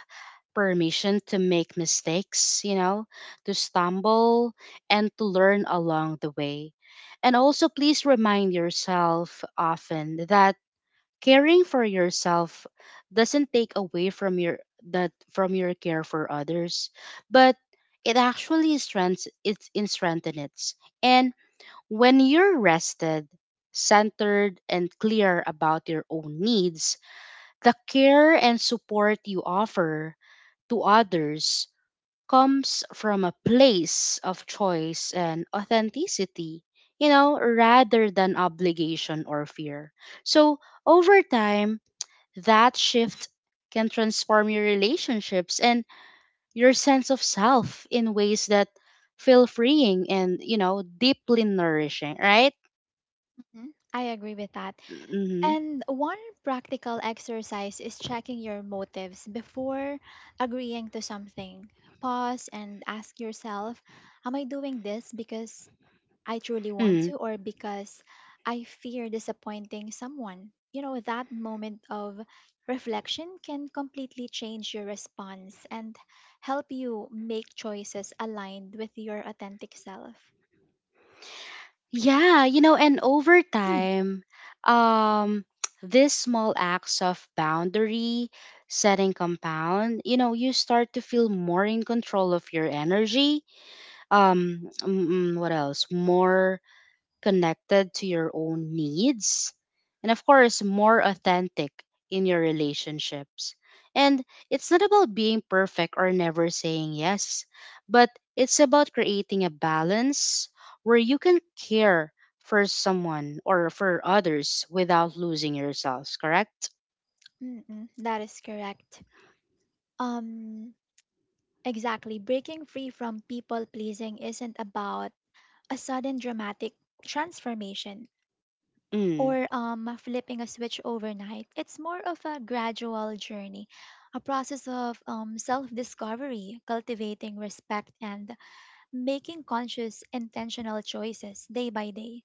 S2: permission to make mistakes, you know, to stumble and to learn along the way. And also, please remind yourself often that caring for yourself doesn't take away from your that from your care for others, but it actually strengthens it's in strengthen it. And when you're rested, centered and clear about your own needs, the care and support you offer to others comes from a place of choice and authenticity, you know, rather than obligation or fear. So over time, that shift can transform your relationships and your sense of self in ways that feel freeing and, you know, deeply nourishing, right?
S1: Mhm, I agree with that.
S2: hmm.
S1: And one practical exercise is checking your motives before agreeing to something. Pause and ask yourself, am I doing this because I truly want
S2: Mm.
S1: to, or because I fear disappointing someone? You know, that moment of reflection can completely change your response and help you make choices aligned with your authentic self.
S2: Yeah, you know, and over time, um, these small acts of boundary setting compound, you know, you start to feel more in control of your energy. What else? More connected to your own needs, and of course, more authentic in your relationships. And it's not about being perfect or never saying yes, but it's about creating a balance where you can care for someone or for others without losing yourselves, correct?
S1: Mm-mm, that is correct. Um, exactly. Breaking free from people pleasing isn't about a sudden dramatic transformation,
S2: Mm.
S1: or flipping a switch overnight. It's more of a gradual journey, a process of self discovery, cultivating respect, and making conscious, intentional choices day by day.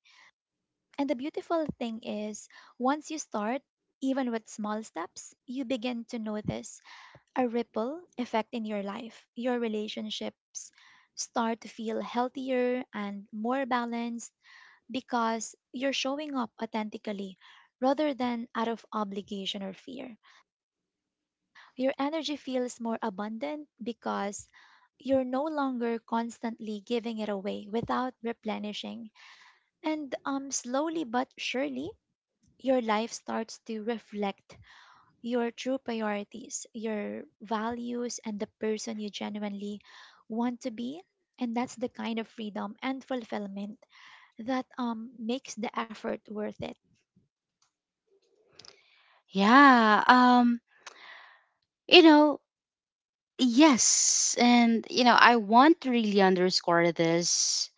S1: And the beautiful thing is, once you start, even with small steps, you begin to notice a ripple effect in your life. Your relationships start to feel healthier and more balanced because you're showing up authentically rather than out of obligation or fear. Your energy feels more abundant because you're no longer constantly giving it away without replenishing. And slowly but surely, your life starts to reflect your true priorities, your values, and the person you genuinely want to be. And that's the kind of freedom and fulfillment that makes the effort worth it.
S2: Yeah. You know, yes. And, you know, I want to really underscore this.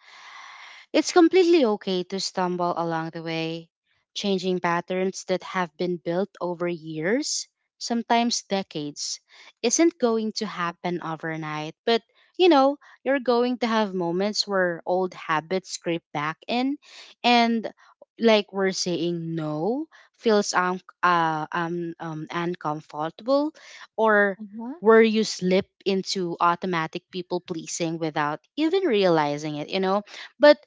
S2: It's completely okay to stumble along the way. Changing patterns that have been built over years, sometimes decades, isn't going to happen overnight. But, you know, you're going to have moments where old habits creep back in and, like, we're saying no feels uncomfortable, or
S1: Mhm.
S2: where you slip into automatic people pleasing without even realizing it, you know? But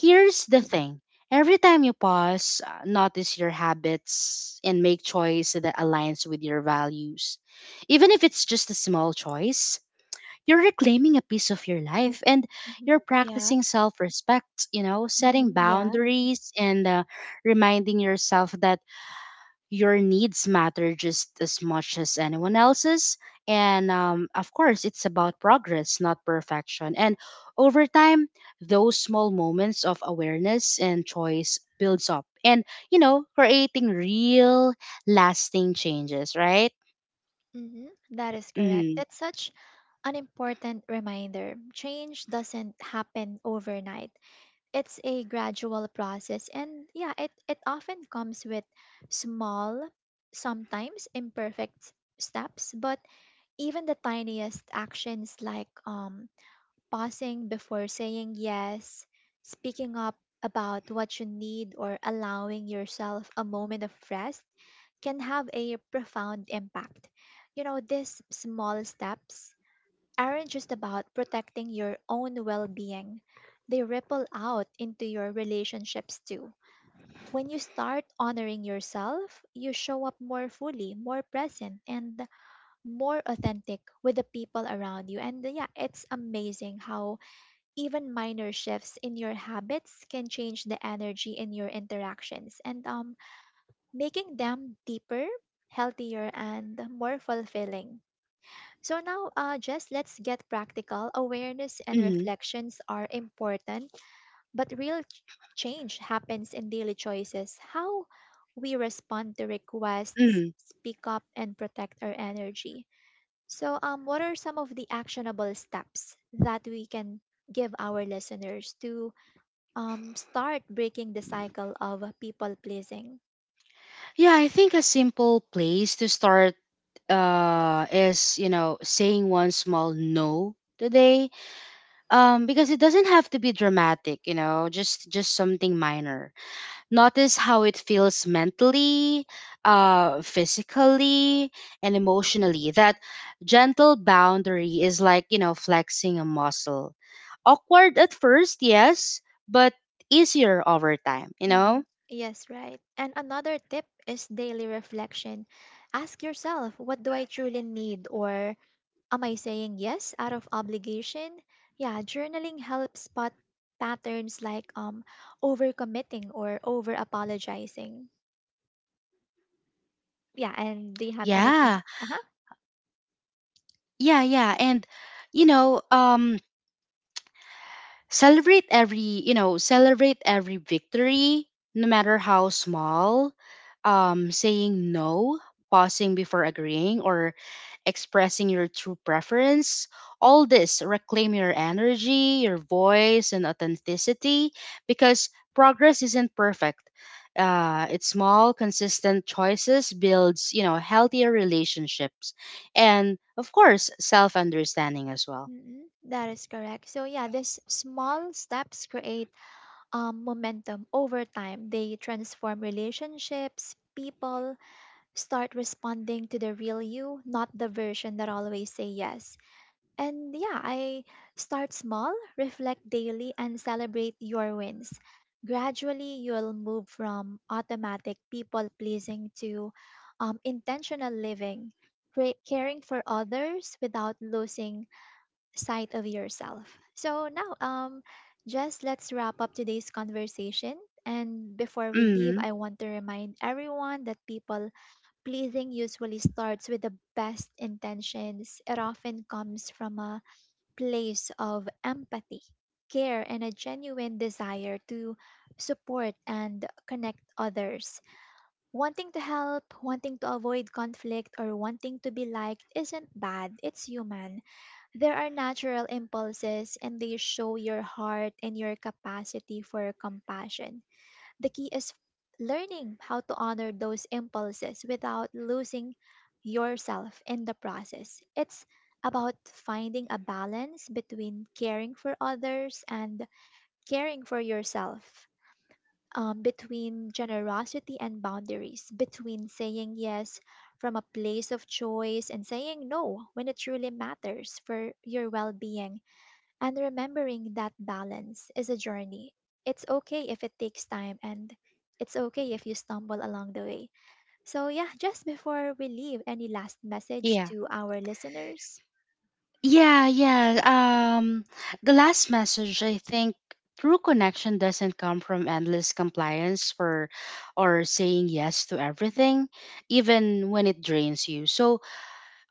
S2: here's the thing, every time you pause, notice your habits and make choice that aligns with your values. Even if it's just a small choice, you're reclaiming a piece of your life and
S1: Mhm.
S2: you're
S1: Yeah.
S2: practicing self respect, you know, setting
S1: Mhm. Yeah.
S2: boundaries and reminding yourself that your needs matter just as much as anyone else's. And of course, it's about progress, not perfection. And over time, those small moments of awareness and choice builds up and, you know, creating real, lasting changes, right?
S1: Mhm. That is correct.
S2: Mm-hmm.
S1: That's such an important reminder. Change doesn't happen overnight. It's a gradual process and yeah, it often comes with small, sometimes imperfect steps, but even the tiniest actions like pausing before saying yes, speaking up about what you need, or allowing yourself a moment of rest can have a profound impact. You know, these small steps aren't just about protecting your own well being, they ripple out into your relationships too. When you start honoring yourself, you show up more fully, more present, and more authentic with the people around you. And yeah, it's amazing how even minor shifts in your habits can change the energy in your interactions and making them deeper healthier and more fulfilling. So now, just let's get practical. Awareness and
S2: Mm-hmm.
S1: reflections are important, but real change happens in daily choices, how we respond to requests,
S2: Mm-hmm.
S1: speak up and protect our energy. So what are some of the actionable steps that we can give our listeners to start breaking the cycle of people pleasing?
S2: Yeah, I think a simple place to start is, you know, saying one small no today, because it doesn't have to be dramatic, you know, just something minor. Notice how it feels mentally, physically, and emotionally. That gentle boundary is, like, you know, flexing a muscle, awkward at first, yes, but easier over time, you
S1: Mm.
S2: know.
S1: Yes, right. And another tip is daily reflection. Ask yourself, what do I truly need? Or am I saying yes out of obligation? Yeah, journaling helps spot patterns like overcommitting or over apologizing. Yeah, and do you have anything?
S2: yeah
S1: Uh-huh.
S2: yeah yeah, and you know, celebrate every, you know, celebrate every victory, no matter how small. Saying no, pausing before agreeing, or expressing your true preference, all this reclaim your energy, your voice and authenticity, because progress isn't perfect, it's small consistent choices builds, you know, healthier relationships and of course self-understanding as well.
S1: Mm-hmm. That is correct. So yeah, these small steps create momentum over time. They transform relationships. People start responding to the real you, not the version that always say yes. And yeah, I start small, reflect daily, and celebrate your wins. Gradually, you'll move from automatic people pleasing to intentional living, caring for others without losing side of yourself. So now, just let's wrap up today's conversation. And before we leave,
S2: Mm,
S1: I want to remind everyone that people pleasing usually starts with the best intentions. It often comes from a place of empathy, care, and a genuine desire to support and connect others. Wanting to help, wanting to avoid conflict, or wanting to be liked isn't bad, it's human. There are natural impulses and they show your heart and your capacity for compassion. The key is learning how to honor those impulses without losing yourself in the process. It's about finding a balance between caring for others and caring for yourself, between generosity and boundaries, between saying yes from a place of choice and saying no when it truly matters for your well being, and remembering that balance is a journey. It's okay if it takes time, and it's okay if you stumble along the way. So, yeah, just before we leave, any last message
S2: yeah.
S1: to our listeners?
S2: Yeah, yeah. The last message, I think true connection doesn't come from endless compliance for or saying yes to everything, even when it drains you. So,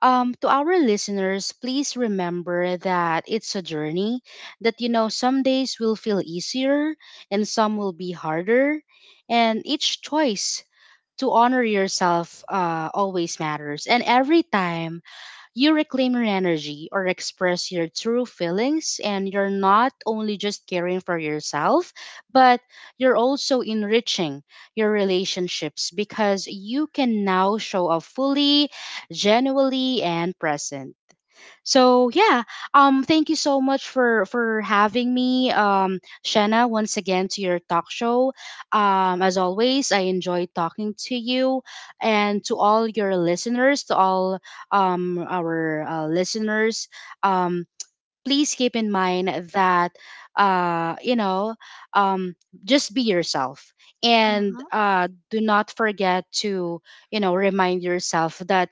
S2: to our listeners, please remember that it's a journey, that, you know, some days will feel easier and some will be harder, and each choice to honor yourself always matters. And every time you reclaim your energy or express your true feelings, and you're not only just caring for yourself, but you're also enriching your relationships because you can now show up fully, genuinely, and present. So yeah, thank you so much for having me, Shanna, once again to your talk show. As always, I enjoy talking to you and to all your listeners, to all our listeners. Um, please keep in mind that uh you know um just be yourself
S1: Uh
S2: and
S1: huh.
S2: do not forget to, you know, remind yourself that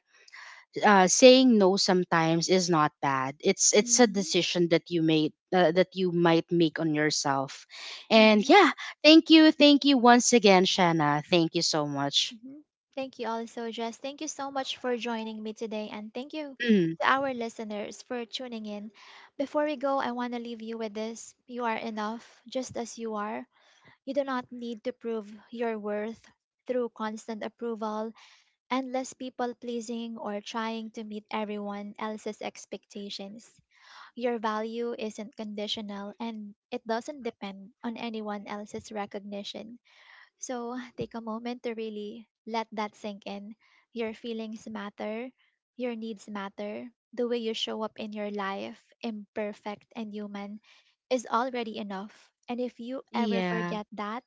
S2: saying no sometimes is not bad. It's a
S1: Mm-hmm.
S2: decision that you made, that you might make on yourself. And
S1: Mm-hmm.
S2: yeah, thank you once again, Shanna. Thank you so much.
S1: Mm-hmm. Thank you also, Jess. Thank you so much for joining me today. And thank you
S2: Mm,
S1: to our listeners for tuning in. Before we go, I want to leave you with this: you are enough just as you are. You do not need to prove your worth through constant approval, endless people pleasing, or trying to meet everyone else's expectations. Your value isn't conditional and it doesn't depend on anyone else's recognition. So take a moment to really let that sink in. Your feelings matter, your needs matter, the way you show up in your life, imperfect and human, is already enough. And if you ever
S2: yeah.
S1: forget that,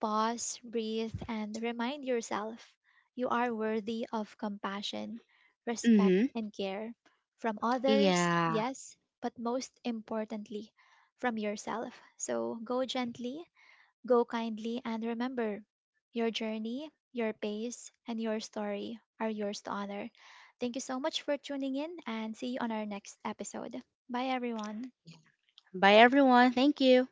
S1: pause, breathe, and remind yourself you are worthy of compassion, respect,
S2: Mm-hmm.
S1: and care from others,
S2: Yeah.
S1: yes, but most importantly, from yourself. So go gently, go kindly, and remember your journey, your pace, and your story are yours to honor. Thank you so much for tuning in and see you on our next episode. Bye, everyone.
S2: Bye, everyone. Thank you.